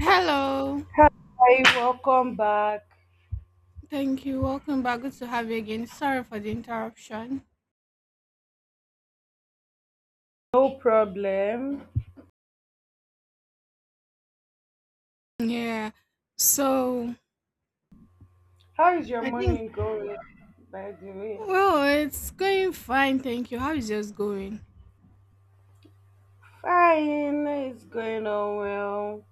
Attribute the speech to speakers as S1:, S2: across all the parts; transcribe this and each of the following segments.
S1: Hello.
S2: Hi, welcome back.
S1: Thank you. Welcome back. Good to have you again. Sorry for the interruption.
S2: No problem.
S1: Yeah. So
S2: How is your
S1: I think
S2: morning going, by the way?
S1: Well, it's going fine. Thank you. How is yours going?
S2: Fine, it's going on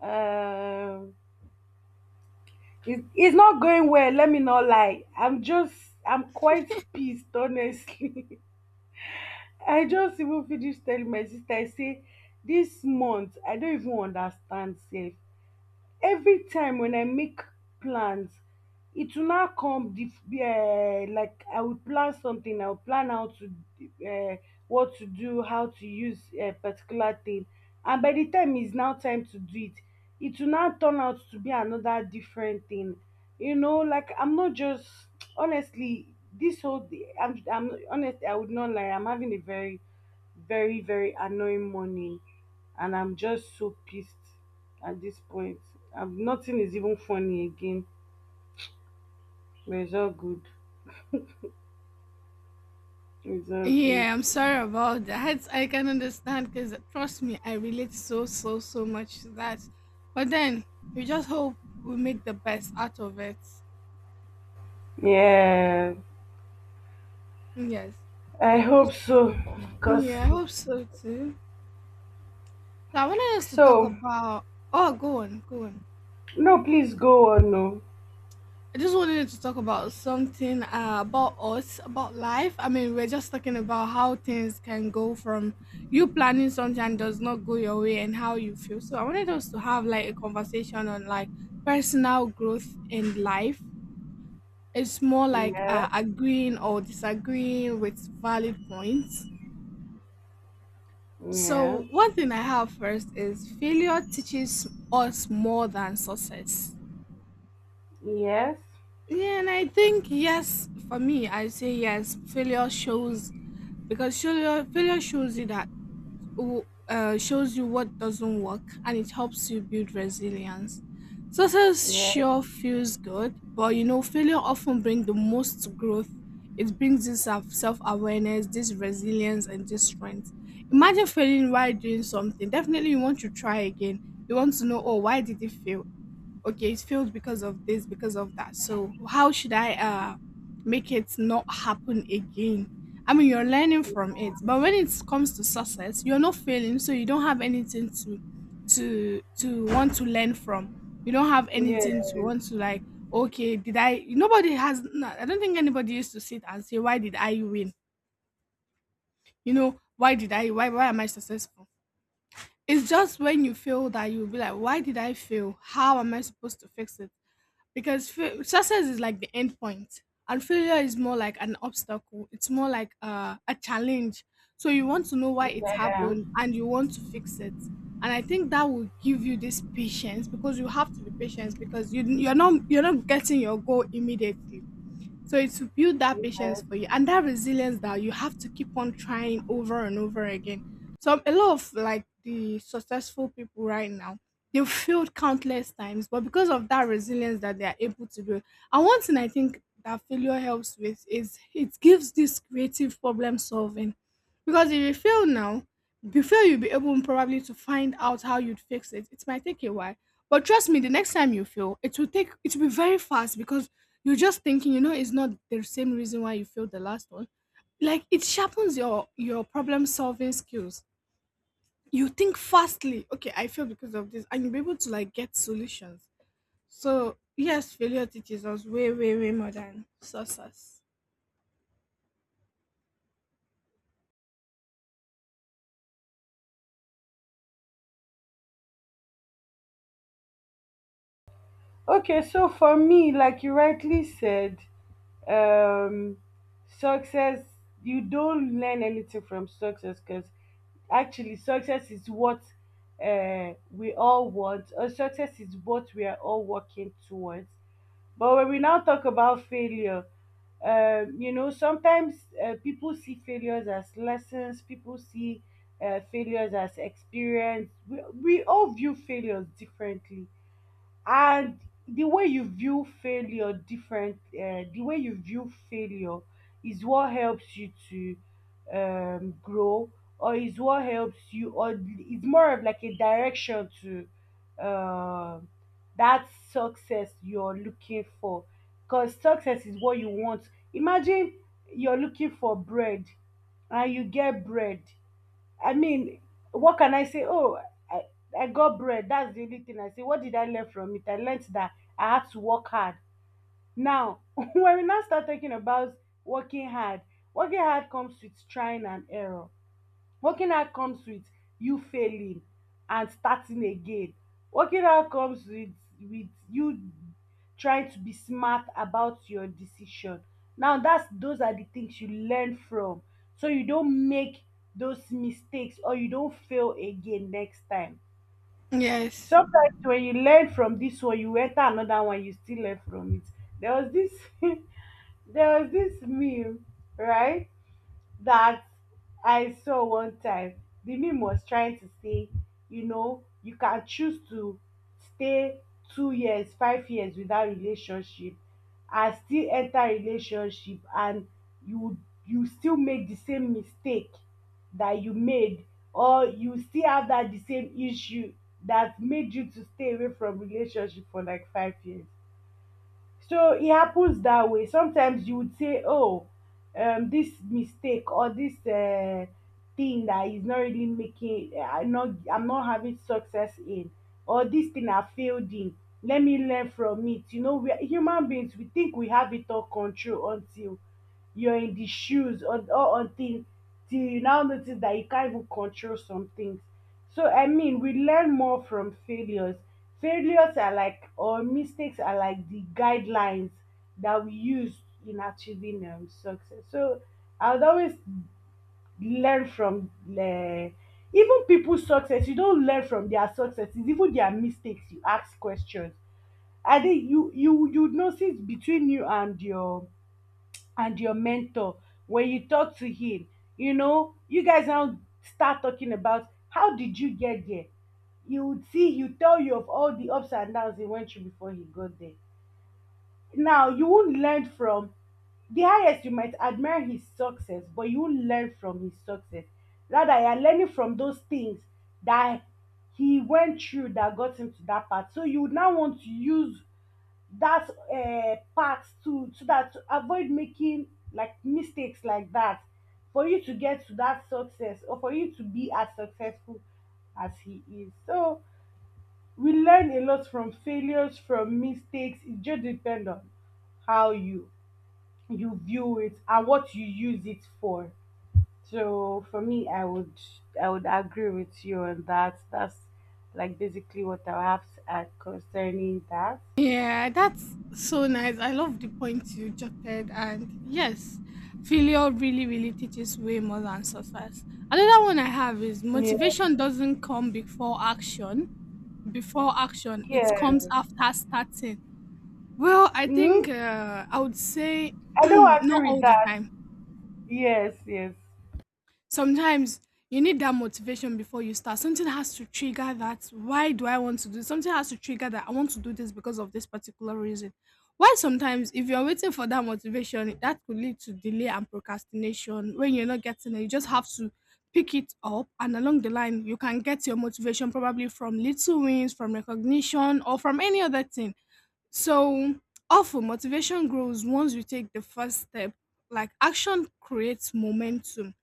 S2: well. Um, it's not going well, let me not lie. I'm quite pissed, honestly. I just even finished telling my sister, I say, this month, I don't even understand, safe. Every time when I make plans, it will now like I will plan something. I will plan how to uh, what to do, how to use a particular thing, and by the time it's now time to do it, it will now turn out to be another different thing. You know, like I'm not just, honestly, I'm honestly, I would not lie. I'm having a very, very, very annoying morning, and I'm just so pissed at this point. Nothing is even funny again. But it's all good. It's all good.
S1: Yeah, I'm sorry about that. I can understand because trust me, I relate so much to that. But then we just hope we make the best out of it.
S2: Yeah,
S1: Yes.
S2: I hope so. Cause.
S1: Yeah, I hope so too. So I wanted us to talk
S2: So,
S1: about. Oh, go on.
S2: no, please go on. No.
S1: I just wanted to talk about something about us, about life. I mean, we're just talking about how things can go from you planning something and does not go your way and how you feel. So I wanted us to have like a conversation on like personal growth in life. It's more like
S2: Yeah.
S1: agreeing or disagreeing with valid points.
S2: Yeah.
S1: So one thing I have first is failure teaches us more than success.
S2: Yes.
S1: Yeah, and I think yes, for me, I say yes. Failure shows because failure failure shows you that shows you what doesn't work, and it helps you build resilience. Success
S2: Yeah.
S1: sure feels good, but you know, failure often brings the most growth. It brings this self awareness, this resilience, and this strength. Imagine failing while doing something. Definitely, you want to try again. You want to know, oh, why did it fail? Okay, it failed because of this, because of that, so how should I make it not happen again? I mean, you're learning from it, but when it comes to success, you're not failing, so you don't have anything to want to learn from. You don't have anything to
S2: Yes.
S1: want to like, okay, did I nobody has no, I don't think anybody used to sit and say, why did I win? You know, why am I successful? It's just when you fail that you'll be like, why did I fail? How am I supposed to fix it? Because success is like the end point and failure is more like an obstacle. It's more like a challenge. So you want to know why it
S2: Yeah.
S1: happened and you want to fix it. And I think that will give you this patience, because you have to be patient, because you're not getting your goal immediately. So it will build that patience
S2: Yes.
S1: for you and that resilience that you have to keep on trying over and over again. So a lot of like the successful people right now, they've failed countless times, but because of that resilience that they are able to build. And one thing I think that failure helps with is it gives this creative problem solving. Because if you fail now, before you'll be able probably to find out how you'd fix it, it might take a while, but trust me, the next time you fail, it will be very fast because you're just thinking, you know, it's not the same reason why you failed the last one. Like it sharpens your problem solving skills. You think fastly, okay, I failed because of this, and you'll be able to like get solutions. So yes, failure teaches us way, way, way more than success.
S2: Okay. So for me, like you rightly said, um success, you don't learn anything from success because actually success is what we all want, or success is what we are all working towards. But when we now talk about failure, sometimes people see failures as lessons, people see failures as experience. We all view failures differently, and the way you view failure is what helps you to grow, or is what helps you, or it's more of like a direction to uh, that success you're looking for. Because success is what you want. Imagine you're looking for bread and you get bread. I mean, what can I say? Oh, I, I got bread. That's the only thing I say. What did I learn from it? I learned that I had to work hard. Now, when we now start talking about working hard, working hard comes with trying and error. Working out comes with you failing and starting again. Working out comes with you trying to be smart about your decision. Now, that's those are the things you learn from, so you don't make those mistakes or you don't fail again next time.
S1: Yes.
S2: Sometimes when you learn from this one, you enter another one, you still learn from it. There was this there was this meme, right? That I saw one time. The meme was trying to say, you know, you can choose to stay 2 years, 5 years without relationship, and still enter relationship, and you you still make the same mistake that you made, or you still have that the same issue that made you to stay away from relationship for like 5 years. So it happens that way. Sometimes you would say, oh, this mistake, or this thing that is not really making, I'm not having success in, or this thing I failed in, let me learn from it. You know, we are human beings, we think we have it all control until you're in the shoes, or until till you now notice that you can't even control some things. So I mean, we learn more from failures. Failures are like, or mistakes are like the guidelines that we use in achieving success. So I would always learn from, even people's success. You don't learn from their successes, even their mistakes. You ask questions. I think you would notice between you and your mentor. When you talk to him, you know, you guys now start talking about how did you get there. You would see he would tell you of all the ups and downs he went through before he got there. Now you won't learn from the highest. You might admire his success, but you won't learn from his success. Rather, you are learning from those things that he went through that got him to that part, so you would now want to use that part to so that to avoid making like mistakes like that, for you to get to that success, or for you to be as successful as he is. So we learn a lot from failures, from mistakes. It just depends on how you view it and what you use it for. So for me, I would agree with you on that. That's like basically what I have to add concerning that.
S1: Yeah, that's so nice. I love the point you jotted. And yes, failure really, really teaches way more than success. Another one I have is
S2: Yeah.
S1: motivation doesn't come before action. Before action, it
S2: Yeah.
S1: comes after starting. Well, I think
S2: Hmm.
S1: I would say
S2: I don't
S1: not
S2: agree with
S1: all the
S2: that.
S1: time.
S2: Yes, yes,
S1: Sometimes you need that motivation before you start. Something has to trigger that. Why do I want to do this? Something has to trigger that I want to do this because of this particular reason. Why sometimes if you're waiting for that motivation, that could lead to delay and procrastination. When you're not getting it, you just have to pick it up, and along the line you can get your motivation probably from little wins, from recognition, or from any other thing. So often motivation grows once you take the first step. Like action creates momentum.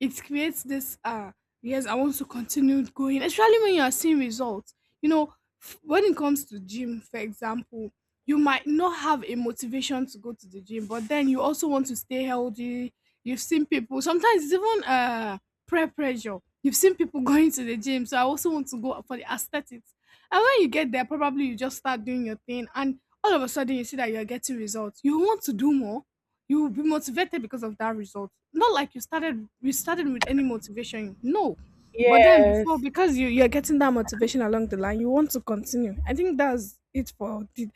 S1: It creates this yes, I want to continue going, especially when you are seeing results. You know, when it comes to gym, for example, you might not have a motivation to go to the gym, but then you also want to stay healthy. You've seen people sometimes it's even prayer pressure. You've seen people going to the gym, so I also want to go for the aesthetics. And when you get there, probably you just start doing your thing, and all of a sudden you see that you're getting results, you want to do more. You will be motivated because of that result, not like you started with any motivation, no. But then before,
S2: yes.
S1: because you you're getting that motivation along the line, you want to continue. I think that's it for the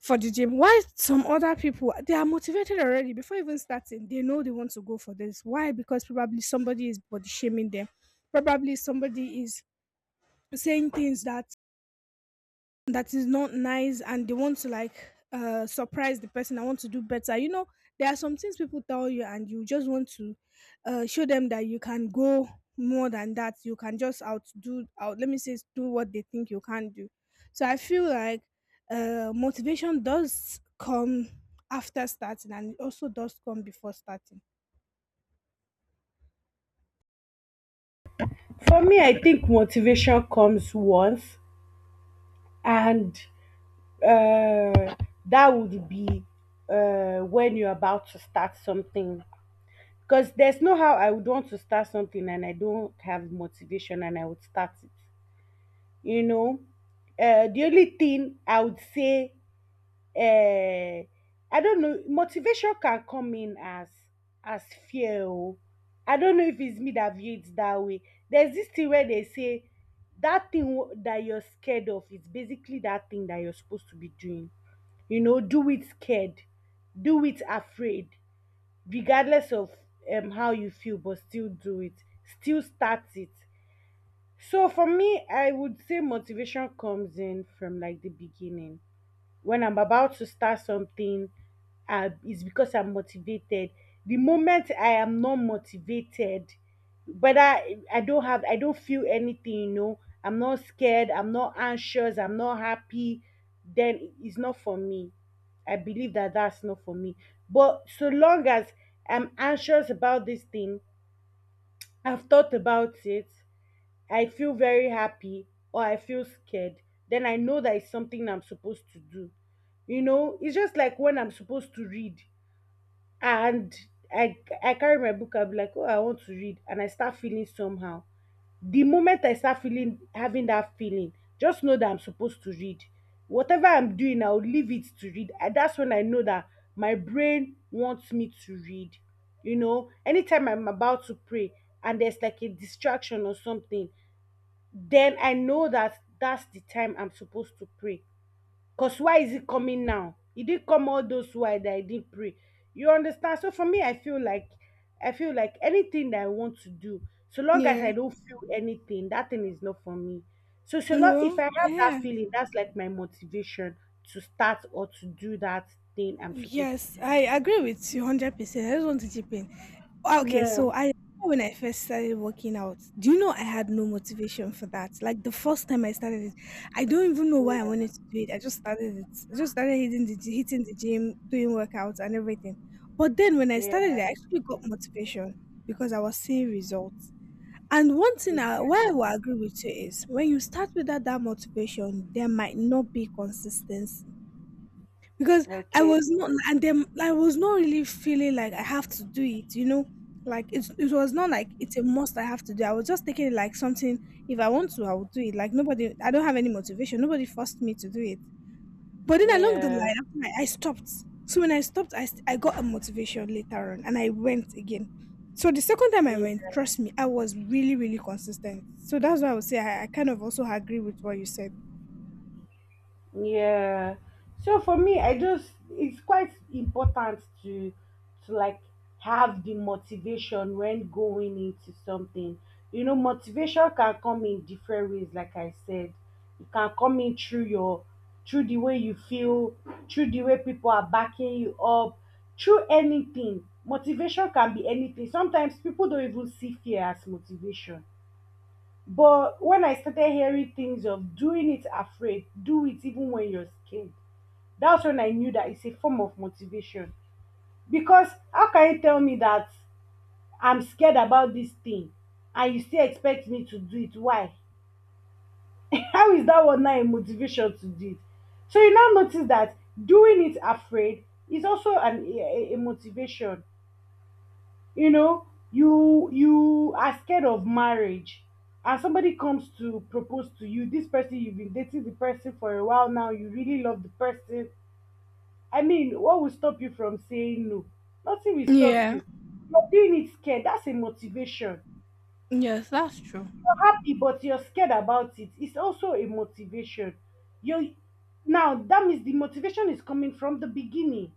S1: gym. Why some other people they are motivated already before even starting, they know they want to go for this, why? Because probably somebody is body shaming them, probably somebody is saying things that is not nice, and they want to like surprise the person. I want to do better, you know. There are some things people tell you and you just want to show them that you can go more than that. You can just outdo out let me say do what they think you can't do. So I feel like motivation does come after starting, and it also does come before starting.
S2: For me, I think motivation comes once, and uh, that would be when you're about to start something. Because there's no how I would want to start something and I don't have motivation and I would start it. You know, the only thing I would say, eh, I don't know. Motivation can come in as as fear. Oh. I don't know if it's me that view it that way. There's this thing where they say that thing that you're scared of is basically that thing that you're supposed to be doing. You know, do it scared, do it afraid, regardless of how you feel, but still do it. Still start it. So for me, I would say motivation comes in from like the beginning when I'm about to start something. It's because I'm motivated. The moment I am not motivated, whether I don't have, I don't feel anything, you know, I'm not scared, I'm not anxious, I'm not happy, then it's not for me. I believe that that's not for me. But so long as I'm anxious about this thing, I've thought about it, I feel very happy or I feel scared, then I know that it's something I'm supposed to do. You know, it's just like when I'm supposed to read and I, I carry my book, I'll be like, oh, I want to read, and I start feeling somehow. The moment I start feeling, having that feeling, just know that I'm supposed to read. Whatever I'm doing, I'll leave it to read. And that's when I know that my brain wants me to read. You know, anytime I'm about to pray and there's like a distraction or something, then I know that that's the time I'm supposed to pray. Because why is it coming now? It didn't come all those while that I didn't pray. You understand? So for me, I feel like anything that I want to do, so long as I
S1: yeah
S2: don't feel anything, that thing is not for me. So, so long if I
S1: well
S2: have that
S1: yeah
S2: feeling, that's like my motivation to start or to do that thing I'm supposed to
S1: yes
S2: do.
S1: I agree with you 100%. I just want to chip in. Ah, okay,
S2: Yeah.
S1: so I remember when I first started working out, do you know I had no motivation for that? Like the first time I started it, I don't even know why I
S2: Yeah.
S1: wanted to do it. I just started it. I just started hitting the gym, doing workouts and everything. But then when I started, I actually got motivation because I was seeing results. And one thing I why I will agree with you is when you start without that motivation, there might not be consistency, because
S2: Yeah.
S1: I
S2: Okay.
S1: was not, and then I was not really feeling like I have to do it, you know. Like it's, it was not like it's a must I have to do. I was just taking it like something. If I want to, I will do it. Like nobody, I don't have any motivation. Nobody forced me to do it. But then along the
S2: Yeah.
S1: line, after I stopped. So when I stopped, I got a motivation later on, and I went again. So the second time I
S2: Yeah.
S1: went, trust me, I was really really consistent. So that's why I would say I kind of also agree with what you said.
S2: Yeah. So for me, I just, it's quite important to like have the motivation when going into something. You know, motivation can come in different ways, like I said. It can come in through your through the way you feel, through the way people are backing you up, through anything. Motivation can be anything. Sometimes people don't even see fear as motivation. But when I started hearing things of doing it afraid, do it even when you're scared, that's when I knew that it's a form of motivation. Because how can you tell me that I'm scared about this thing and you still expect me to do it? Why? How is that one now a motivation to do it? So you now notice that doing it afraid is also an, a motivation. You know, you are scared of marriage, and somebody comes to propose to you, this person you've been dating the person for a while now, you really love the person. I mean, what will stop you from saying no? Nothing will stop
S1: Yeah.
S2: you. You're doing it scared, that's a motivation.
S1: Yes, that's true.
S2: You're happy but you're scared about it, it's also a motivation. You Now that means the motivation is coming from the beginning.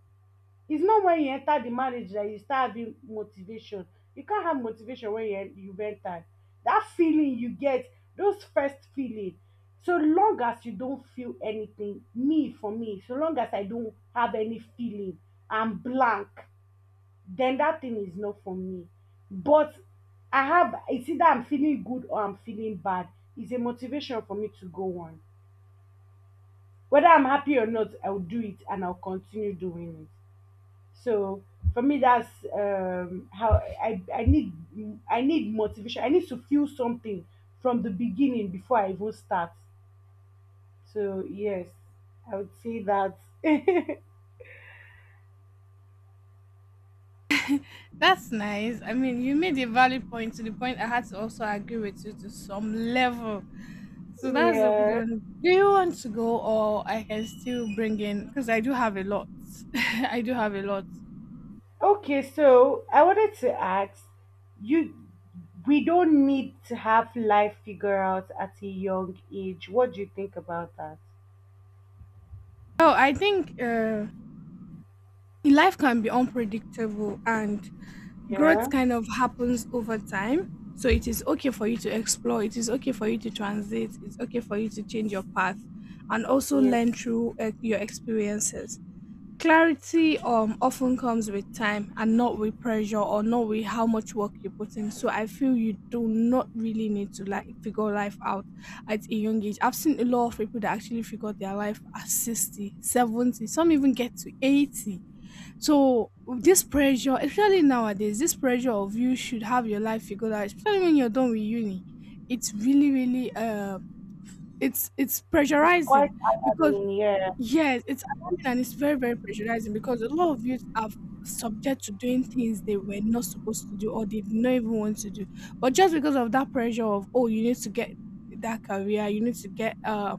S2: It's not when you enter the marriage that you start having motivation. You can't have motivation when you've entered. That feeling you get, those first feeling. So long as you don't feel anything, me for me, so long as I don't have any feeling, I'm blank, then that thing is not for me. But I have it's either I'm feeling good or I'm feeling bad, it's a motivation for me to go on. Whether I'm happy or not, I'll do it and I'll continue doing it. So for me, that's how I, I need I need motivation. I need to feel something from the beginning before I even start. So yes, I would say that.
S1: That's nice. I mean, you made a valid point to the point I had to also agree with you to some level. So that's a good
S2: Yeah.
S1: one. Do you want to go or I can still bring in, because I do have a lot. I do have a lot.
S2: Okay. So I wanted to ask you. We don't need to have life figured out at a young age. What do you think about that?
S1: Oh, I think life can be unpredictable, and
S2: Yeah.
S1: growth kind of happens over time. So it is okay for you to explore, it is okay for you to transit, it's okay for you to change your path and also
S2: Yeah.
S1: learn through your experiences. Clarity often comes with time and not with pressure or not with how much work you put in. So I feel you do not really need to like figure life out at a young age. I've seen a lot of people that actually figured their life at 60, 70. Some even get to 80. So this pressure, especially nowadays, this pressure of, you should have your life figured out, especially when you're done with uni, it's really, really it's
S2: It's
S1: pressurizing
S2: quite
S1: because
S2: alarming. Yeah.
S1: Yes, it's alarming, and it's very, very pressurizing because a lot of youth are subject to doing things they were not supposed to do or they did not even want to do. But just because of that pressure of, oh, you need to get that career, you need to get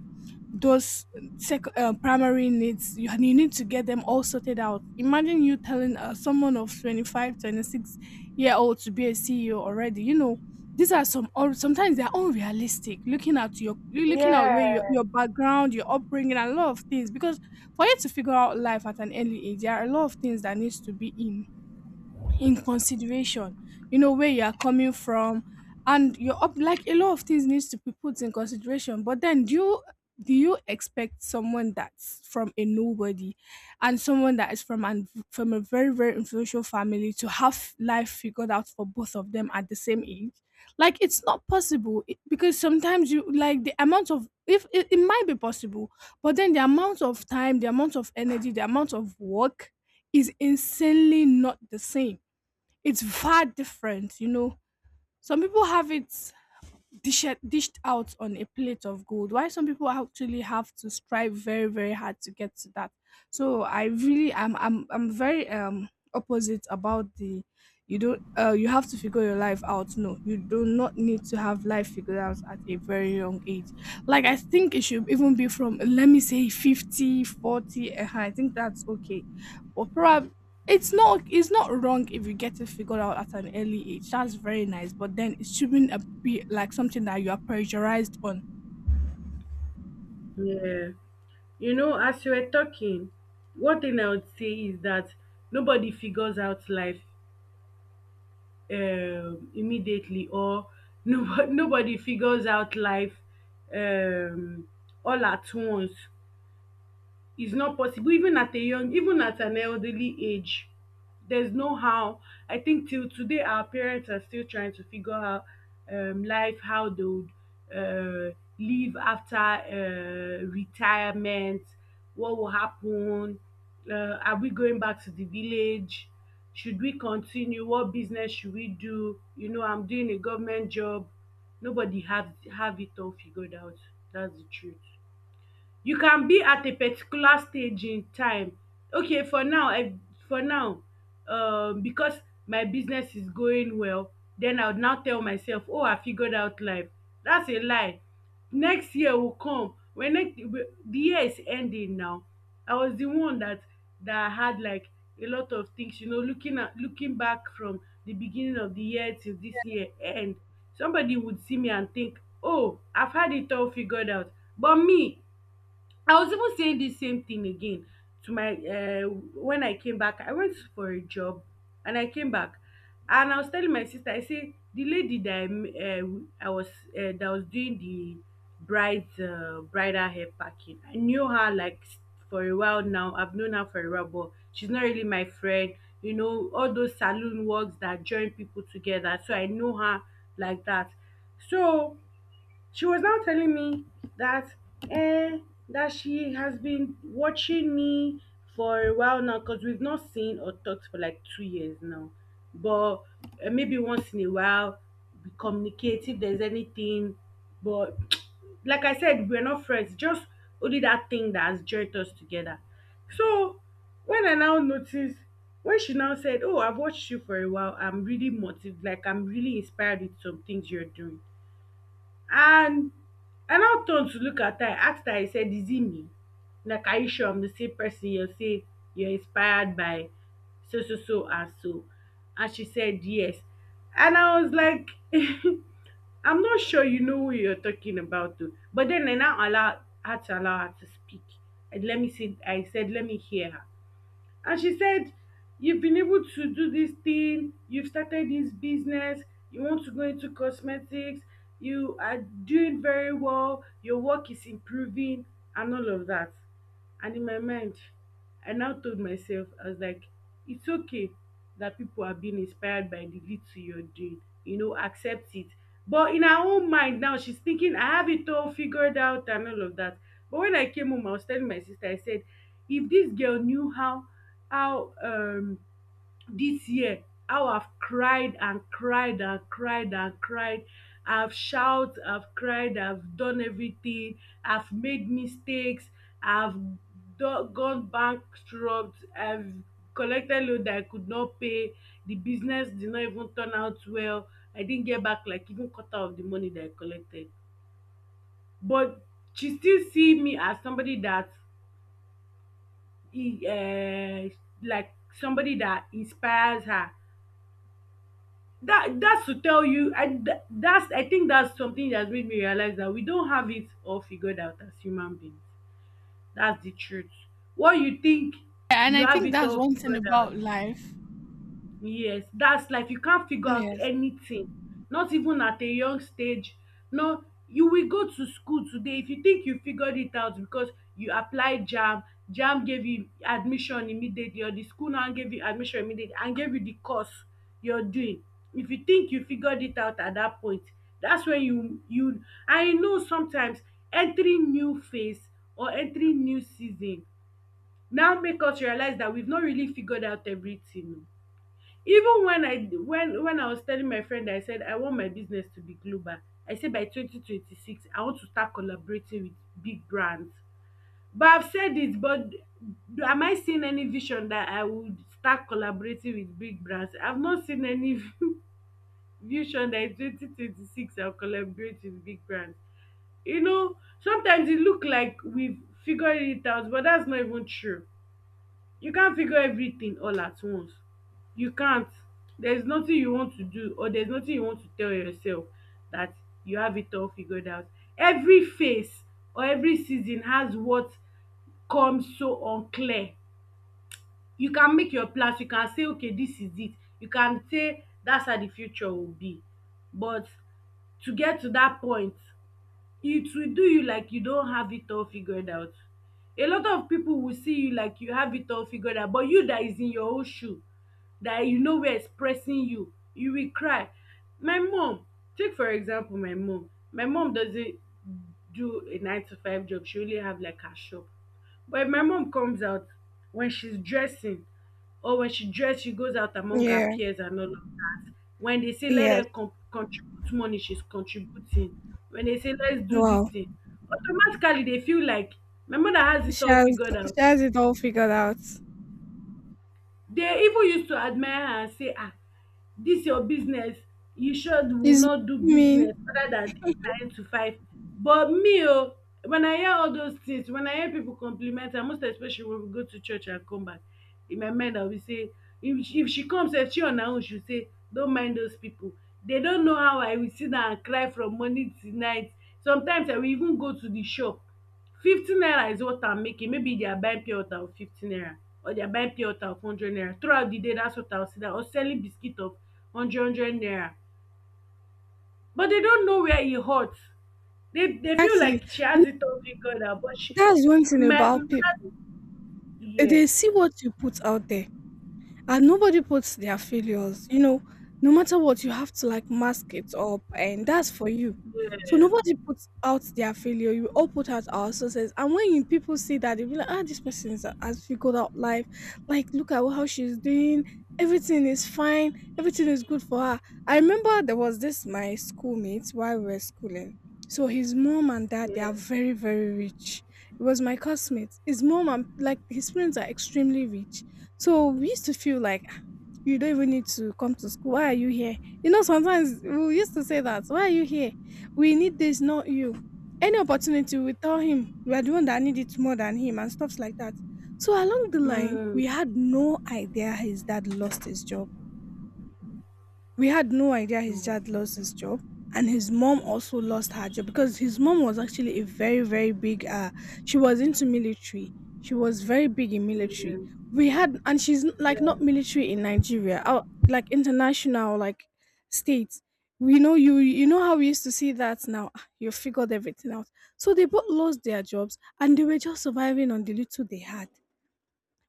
S1: those primary needs, you need to get them all sorted out. Imagine you telling someone of 25, 26 year old to be a CEO already, you know. These are some or sometimes they're unrealistic, looking at you looking at where
S2: Yeah.
S1: your background, your upbringing and a lot of things. Because for you to figure out life at an early age, there are a lot of things that needs to be in consideration. You know, where you are coming from and you're up, like, a lot of things needs to be put in consideration. But then, do you expect someone that's from a nobody and someone that is from a very very influential family to have life figured out for both of them at the same age? Like it's not possible. Because sometimes you, like, the amount of, if it might be possible, but then the amount of time, the amount of energy, the amount of work is insanely not the same. It's far different, you know. Some people have it dished out on a plate of gold, why some people actually have to strive very, very hard to get to that. So I really I'm very opposite about the you don't you have to figure your life out. No, you do not need to have life figured out at a very young age. Like, I think it should even be from, let me say, 50, 40, 40, I think that's okay. But probably it's not wrong if you get it figured out at an early age. That's very nice, but then it shouldn't be like something that you are pressurized on.
S2: Yeah. You know, as you were talking, one thing I would say is that nobody figures out life immediately, or nobody figures out life um, all at once. Is not possible even at a young, even at an elderly age. There's no how. I think till today our parents are still trying to figure out life, how they would uh, live after retirement. What will happen? uh, are we going back to the village? Should we continue? What business should we do? You know, I'm doing a government job. Nobody have it all figured out. That's the truth. You can be at a particular stage in time. Okay, for now I, for now, because my business is going well, then I would now tell myself, oh, I figured out life. That's a lie. Next year will come. When next the year is ending now, I was the one that, that had like a lot of things, you know, looking at, looking back from the beginning of the year till this year end, somebody would see me and think, oh, I've had it all figured out. But me, I was even saying this same thing again to my when I came back. I went for a job and I came back, and I was telling my sister, I say the lady that I, I was that was doing the bride's bridal hair packing. I knew her like for a while now. I've known her for a while, but she's not really my friend. You know all those saloon works that join people together. So I know her like that. So she was now telling me that eh, that she has been watching me for a while now, because we've not seen or talked for like 2 years now. But maybe once in a while we communicate if there's anything. But like I said, we're not friends. Just only that thing that has joined us together. So when I now noticed, when she now said, "Oh, I've watched you for a while. I'm really motivated. Like I'm really inspired with some things you're doing." And I now turned to look at her, I asked her, I said, "Is it me? Like, are you sure I'm the same person you say you're inspired by so, so, so, and so?" And she said, "Yes." And I was like, I'm not sure you know who you're talking about, though. But then I now allow her to speak. And let me see, I said, "Let me hear her." And she said, "You've been able to do this thing, you've started this business, you want to go into cosmetics, you are doing very well, your work is improving, and all of that." And in my mind, I now told myself, I was like, "It's okay that people are being inspired by the little you're doing, you know, accept it." But in her own mind now, she's thinking, I have it all figured out and all of that. But when I came home, I was telling my sister, I said, if this girl knew how dis year, how I've cried and cried and cried and cried. I've shout, I've cried, I've done everything, I've made mistakes, I've gone bankrupt, I've collected loan that I could not pay, the business did not even turn out well, I didn't get back like even quarter of the money that I collected. But she still see me as somebody that e like somebody that inspires her. That, that's to tell you, I that's, I think that's something that has made me realize that we don't have it all figured out as human beings. That's the truth. What you think?
S1: Yeah, and
S2: You
S1: I
S2: have
S1: think
S2: it
S1: that's
S2: all
S1: one thing
S2: figured out.
S1: about life.
S2: Yes, that's life. You can't figure out
S1: Yes.
S2: anything, not even at a young stage. No, you will go to school today if you think you figured it out because you applied JAMB, JAMB gave you admission immediately, or the school now gave you admission immediately and gave you the course you're doing. If you think you figured it out at that point, that's when you, I know sometimes entering new phase or entering new season now make us realize that we've not really figured out everything. Even when I, when I was telling my friend, I said I want my business to be global. I say by 2026 I want to start collaborating with big brands. But I've said it, but am I seeing any vision that I would start collaborating with big brands? I've not seen any vision that in 2026 I'll collaborate with big brands, you know. Sometimes it look like we've figured it out, but that's not even true. You can't figure everything all at once. You can't. There's nothing you want to do, or there's nothing you want to tell yourself that you have it all figured out. Every phase or every season has what comes so unclear. You can make your plans, you can say okay this is it, you can say that's how the future will be, but to get to that point, it will do you like you don have it all figured out. A lot of people will see you like you have it all figured out, but you that is in your own shoe, that you know where is pressing you, you will cry. My mom, take for example, my mom, my mom doesn't do a nine to five job, she only have like her shop. But if my mom comes out, when she's dressing, or when she dress, she goes out among her
S1: Yeah.
S2: peers and all of that. When they say let
S1: Yes.
S2: them contribute money, she's contributing. When they say let's do this
S1: Wow.
S2: thing, automatically they feel like my mother has it
S1: she
S2: all
S1: has
S2: figured out.
S1: it all figured out.
S2: They even used to admire her and say, ah, this your business. You sure will
S1: It's
S2: not do
S1: mean.
S2: business other than this nine to five. But me, oh, when I hear all those things, when I hear people compliment her, most especially when we go to church and come back, in my mind, I will say, if she comes and she on her own, she'll say, don't mind those people. They don't know how I will sit down and cry from morning to night. Sometimes I will even go to the shop, 50 naira is what I'm making. Maybe they are buying pure water of 50 naira, or they are buying pure water of 100 naira throughout the day. That's what I'll see that, or selling biscuit of hundred hundred naira. But they don't know where it hurts. They feel
S1: Actually,
S2: like she
S1: you
S2: has
S1: know,
S2: it all figured out. But she,
S1: that's one thing
S2: my
S1: about people.
S2: mother,
S1: They
S2: yes,
S1: see what you put out there, and nobody puts their failures, you know. No matter what, you have to, like, mask it up, and that's for you. So
S2: yes,
S1: nobody puts out their failure. We all put out our success, and when people see that, they be like, ah, this person has figured out life, like look at how she's doing. Everything is fine. Everything is good for her. I remember there was this my schoolmate while we were schooling. So his mom and dad, they are
S2: yes.
S1: very very rich. It was my classmate. His mom and, like, his parents are extremely rich. So we used to feel like, "Ah, you don't even need to come to school. Why are you here? You know, sometimes we used to say that. Why are you here? We need this, not you. Any opportunity, we tell him we are the one that need it more than him and stuffs like that." So along the line, we
S2: Mm,
S1: had no idea his dad lost his job. We had no idea his
S2: no,
S1: dad lost his job, and his mom also lost her job, because his mom was actually a very very big, she was into military. She was very big in military.
S2: yes,
S1: We had and she's like not military in Nigeria, out like international, like states. We know, you know how we used to see that now. Ah, you figured everything out. So they both lost their jobs and they were just surviving on the little they had.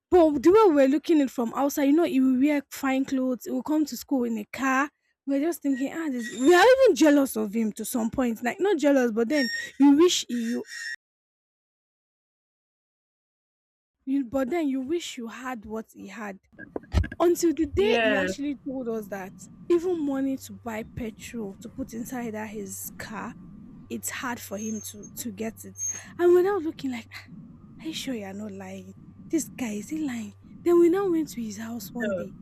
S1: But the way we were looking it from outside, you know, he will wear fine clothes, he will come to school in a car. We're just thinking, ah, this, we are even jealous of him to some point. Like, not jealous, but then you wish you, but then you wish you had what he had. Until the day he
S2: yes,
S1: actually told us that even money to buy petrol to put inside that his car, it's hard for him to get it. And we're now looking like, "Ah, are you sure you are not lying? This guy, is he lying?" Then we now went to his house one
S2: yes,
S1: day.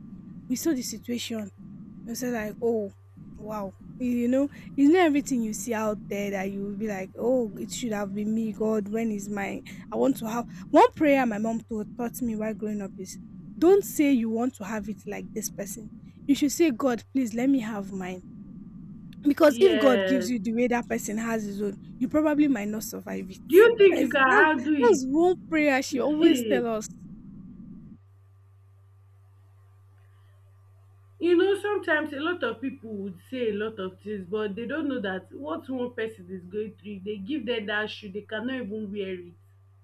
S1: We saw the situation, you say, like, oh, wow. You know, it's not everything you see out there that you will be like, oh, it should have been me. God, when is my? I want to have one prayer. My mom taught me while growing up is, don't say you want to have it like this person. You should say, God, please let me have mine. Because if God gives
S2: yes.
S1: you the way that person has his own, you probably might not survive it.
S2: Do you think you can
S1: That,
S2: handle
S1: that's one prayer she always
S2: it?
S1: tell us.
S2: You know, sometimes a lot of people would say a lot of things, but they don't know that what one person is going through, if they give them that shoe, they cannot even wear it.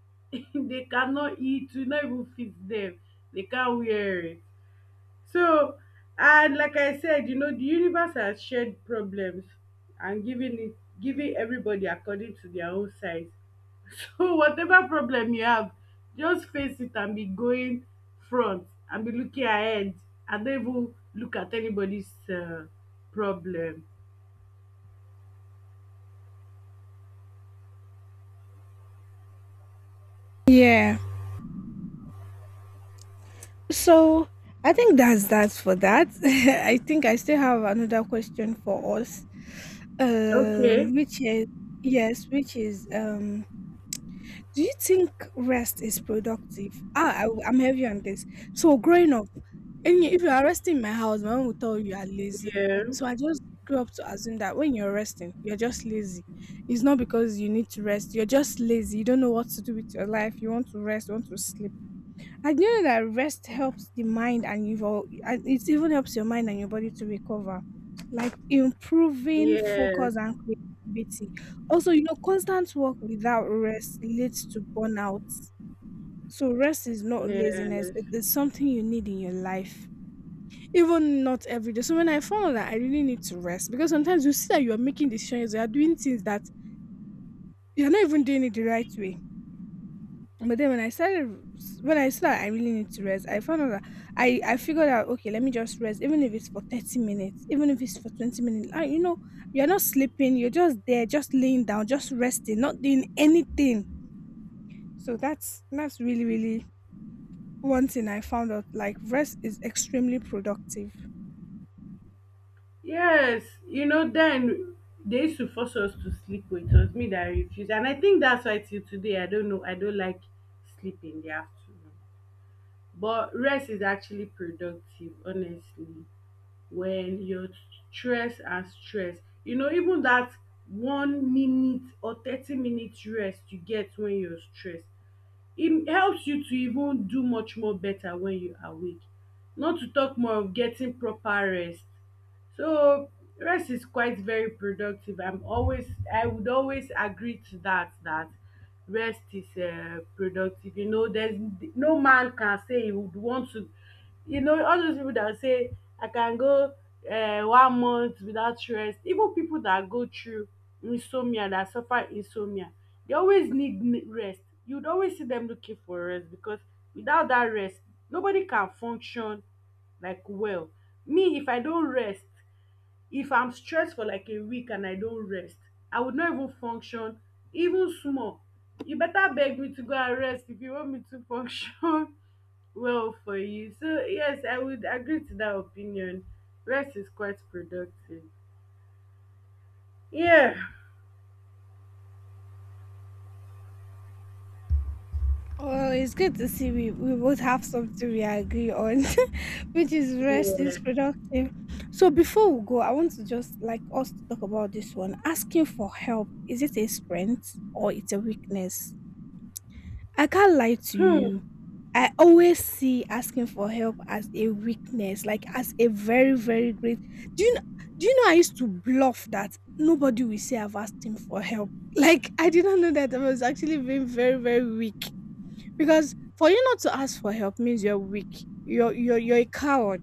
S2: They cannot eat. It will not even fit them. They can't wear it. So, and like I said, you know, the universe has shared problems and giving it, giving everybody according to their own size. So whatever problem you have, just face it and be going front and be looking ahead, and don't even look at anybody's problem.
S1: Yeah. So I think that's that for that. I think I still have another question for us,
S2: Okay.
S1: which is, yes, which is, do you think rest is productive? Ah, am heavy on this. So growing up, any if you are resting in my house, my mom will tell you you are lazy.
S2: Yeah.
S1: So I just grew up to assume that when you're resting, you're just lazy. It's not because you need to rest. You're just lazy. You don't know what to do with your life. You want to rest. You want to sleep. I know that rest helps the mind and and it even helps your mind and your body to recover, like improving
S2: Yes.
S1: focus and creativity. Also, you know, constant work without rest leads to burnout. So rest is not laziness;
S2: Yes.
S1: it is something you need in your life, even not every day. So when I found that I really need to rest, because sometimes you see that you are making decisions, you are doing things that you are not even doing it the right way. But then when when I saw that I really need to rest, I found out that I figured out, okay, let me just rest, even if it's for 30 minutes, even if it's for 20 minutes. You're not sleeping, you're just there, just laying down, just resting, not doing anything. So that's really, really one thing I found out. Like rest is extremely productive.
S2: Yes. You know, then they used to force us to sleep, but it was me that refused, and I think that's why till today I don't know, I don't like sleep in the afternoon. But rest is actually productive, honestly. When your stress and stress, you know, even dat 1 minute or 30 minute rest you get when you're stressed e helps you to even do much more better when you are awake, not to talk more of getting proper rest. So rest is quite very productive. I'm always, I would always agree to that, that rest is productive. You know, there's no man can say he would want to. You know, all those people that say I can go 1 month without rest. Even people that go through insomnia, that suffer insomnia, they always need rest. You'd always see them looking for rest because without that rest, nobody can function like well. Me, if I don't rest. If I'm stressed for like a week and I don't rest, I would not even function, even small. You better beg me to go and rest if you want me to function well for you. So, yes, I would agree to that opinion. Rest is quite productive. Yeah.
S1: Well, it's good to see we both have something we agree on, which is rest is
S2: Yeah.
S1: productive. So before we go, I want to just, like, us to talk about this one. Asking for help, is it a strength or it's a weakness? I can't lie to
S2: Hmm.
S1: you. I always see asking for help as a weakness, like as a very, very great. Do you know, do you know I used to bluff that nobody will say I've asked him for help? Like I did not know that I was actually being very, very weak, because for you not to ask for help means you're weak. You're a coward.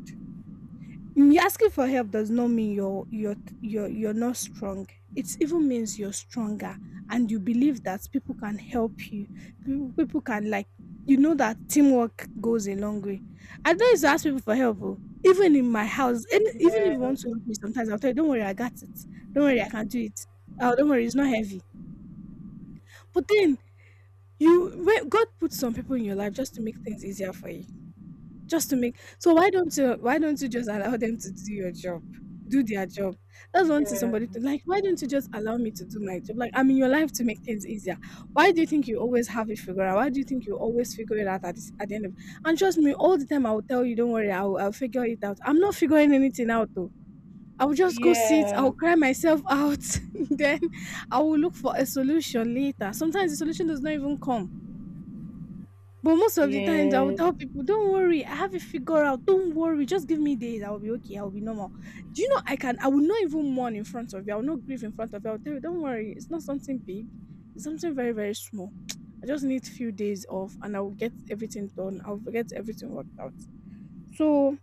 S1: Asking for help does not mean you're not strong. It even means you're stronger and you believe that people can help you. People can, like, you know that teamwork goes a long way. I don't used to ask people for help, oh. Even in my house, and even if you
S2: Yeah.
S1: want to help me sometimes, I'll tell you, don't worry, I got it. Don't worry, I can do it. Oh, don't worry, it's not heavy. But then, you when God put some people in your life just to make things easier for you. Just to make so why don't you just allow them to do your job? Do their job. That's one thing
S2: Yeah.
S1: somebody to, like, why don't you just allow me to do my job? Like, I'm in your life to make things easier. Why do you think you always have it figured out? Why do you think you always figure it out at this, at the end of, and trust me, all the time I will tell you, don't worry, I'll figure it out. I'm not figuring anything out though. I will just go sit,
S2: Yeah.
S1: I'll cry myself out, then I will look for a solution later. Sometimes the solution does not even come, but most of the times I will
S2: Yeah.
S1: tell people, "Don't worry, I have it figured out. Don't worry, just give me days. I will be okay. I will be normal." Do you know I can? I will not even mourn in front of you. I will not grieve in front of you. I will tell you, "Don't worry, it's not something big. It's something very very small. I just need few days off, and I will get everything done. I will get everything worked out." So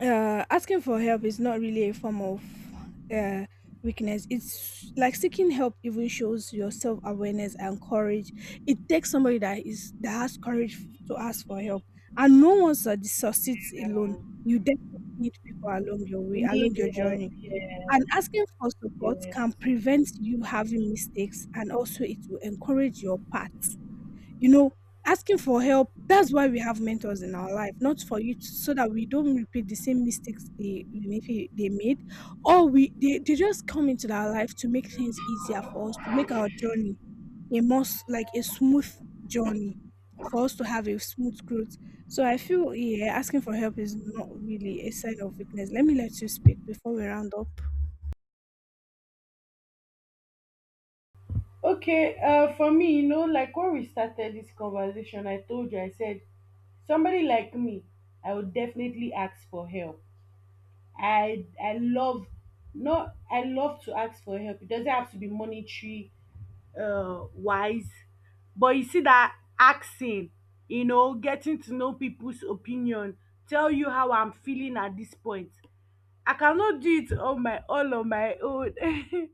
S1: asking for help is not really a form of uh, weakness. It's like seeking help even shows your self awareness and courage. It takes somebody that is that has courage to ask for help, and no one succeeds alone. You definitely need people along your way, along
S2: Need
S1: your
S2: help.
S1: journey.
S2: Yeah.
S1: And asking for support
S2: Yeah.
S1: can prevent you having mistakes, and also it will encourage your path, you know. Asking for help, that's why we have mentors in our life, not for you to, so that we don't repeat the same mistakes they made, or they just come into our life to make things easier for us, to make our journey a most like a smooth journey, for us to have a smooth growth. So I feel, yeah, asking for help is not really a sign of weakness. Let you speak before we round up.
S2: Okay, for me, you know, like when we started this conversation, I told you, I said, somebody like me, I would definitely ask for help. I love, no, I love to ask for help. It doesn't have to be monetary, wise, but you see that asking, you know, getting to know people's opinion, tell you how I'm feeling at this point. I cannot do it on my, all on my own.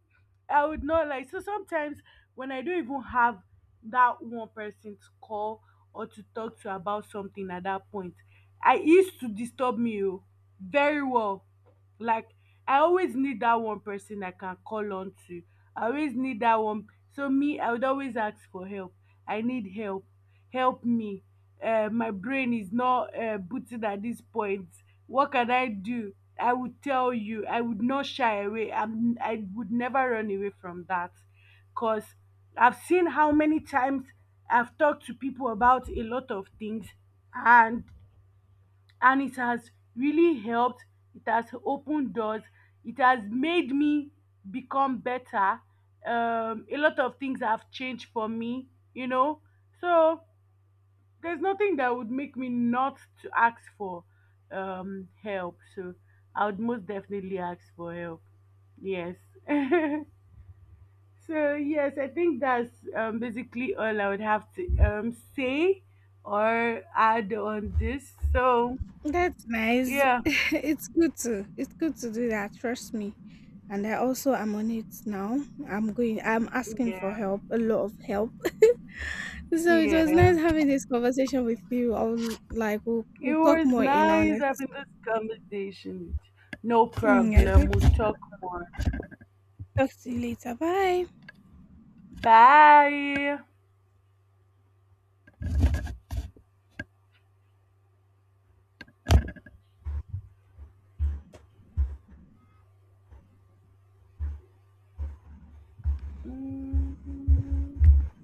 S2: I would not like, so sometimes when I don't even have that one person to call or to talk to about something at that point, I it used to disturb me oh, very well. Like I always need that one person I can call on to. I always need that one. So me, I would always ask for help. I need help. Help me. My brain is not booting at this point. What can I do? I would tell you, I would not shy away. I'm, I would never run away from that because I've seen how many times I've talked to people about a lot of things and and it has really helped. It has opened doors. It has made me become better. A lot of things have changed for me, you know. So there's nothing that would make me not to ask for help. So I would most definitely ask for help. Yes. So yes, I think that's basically all I would have to say or add on this. So
S1: That's nice.
S2: yeah.
S1: It's good to do that, trust me. And I also am on it now. I'm asking for
S2: Yeah.
S1: help, a lot of help. So it was
S2: Yeah.
S1: nice having this conversation with you.
S2: It
S1: We'll talk
S2: was
S1: more in on
S2: nice
S1: it.
S2: having this conversation with you. No
S1: Yeah,
S2: problem, we'll talk more.
S1: talk to you later. Bye.
S2: Bye. Mm.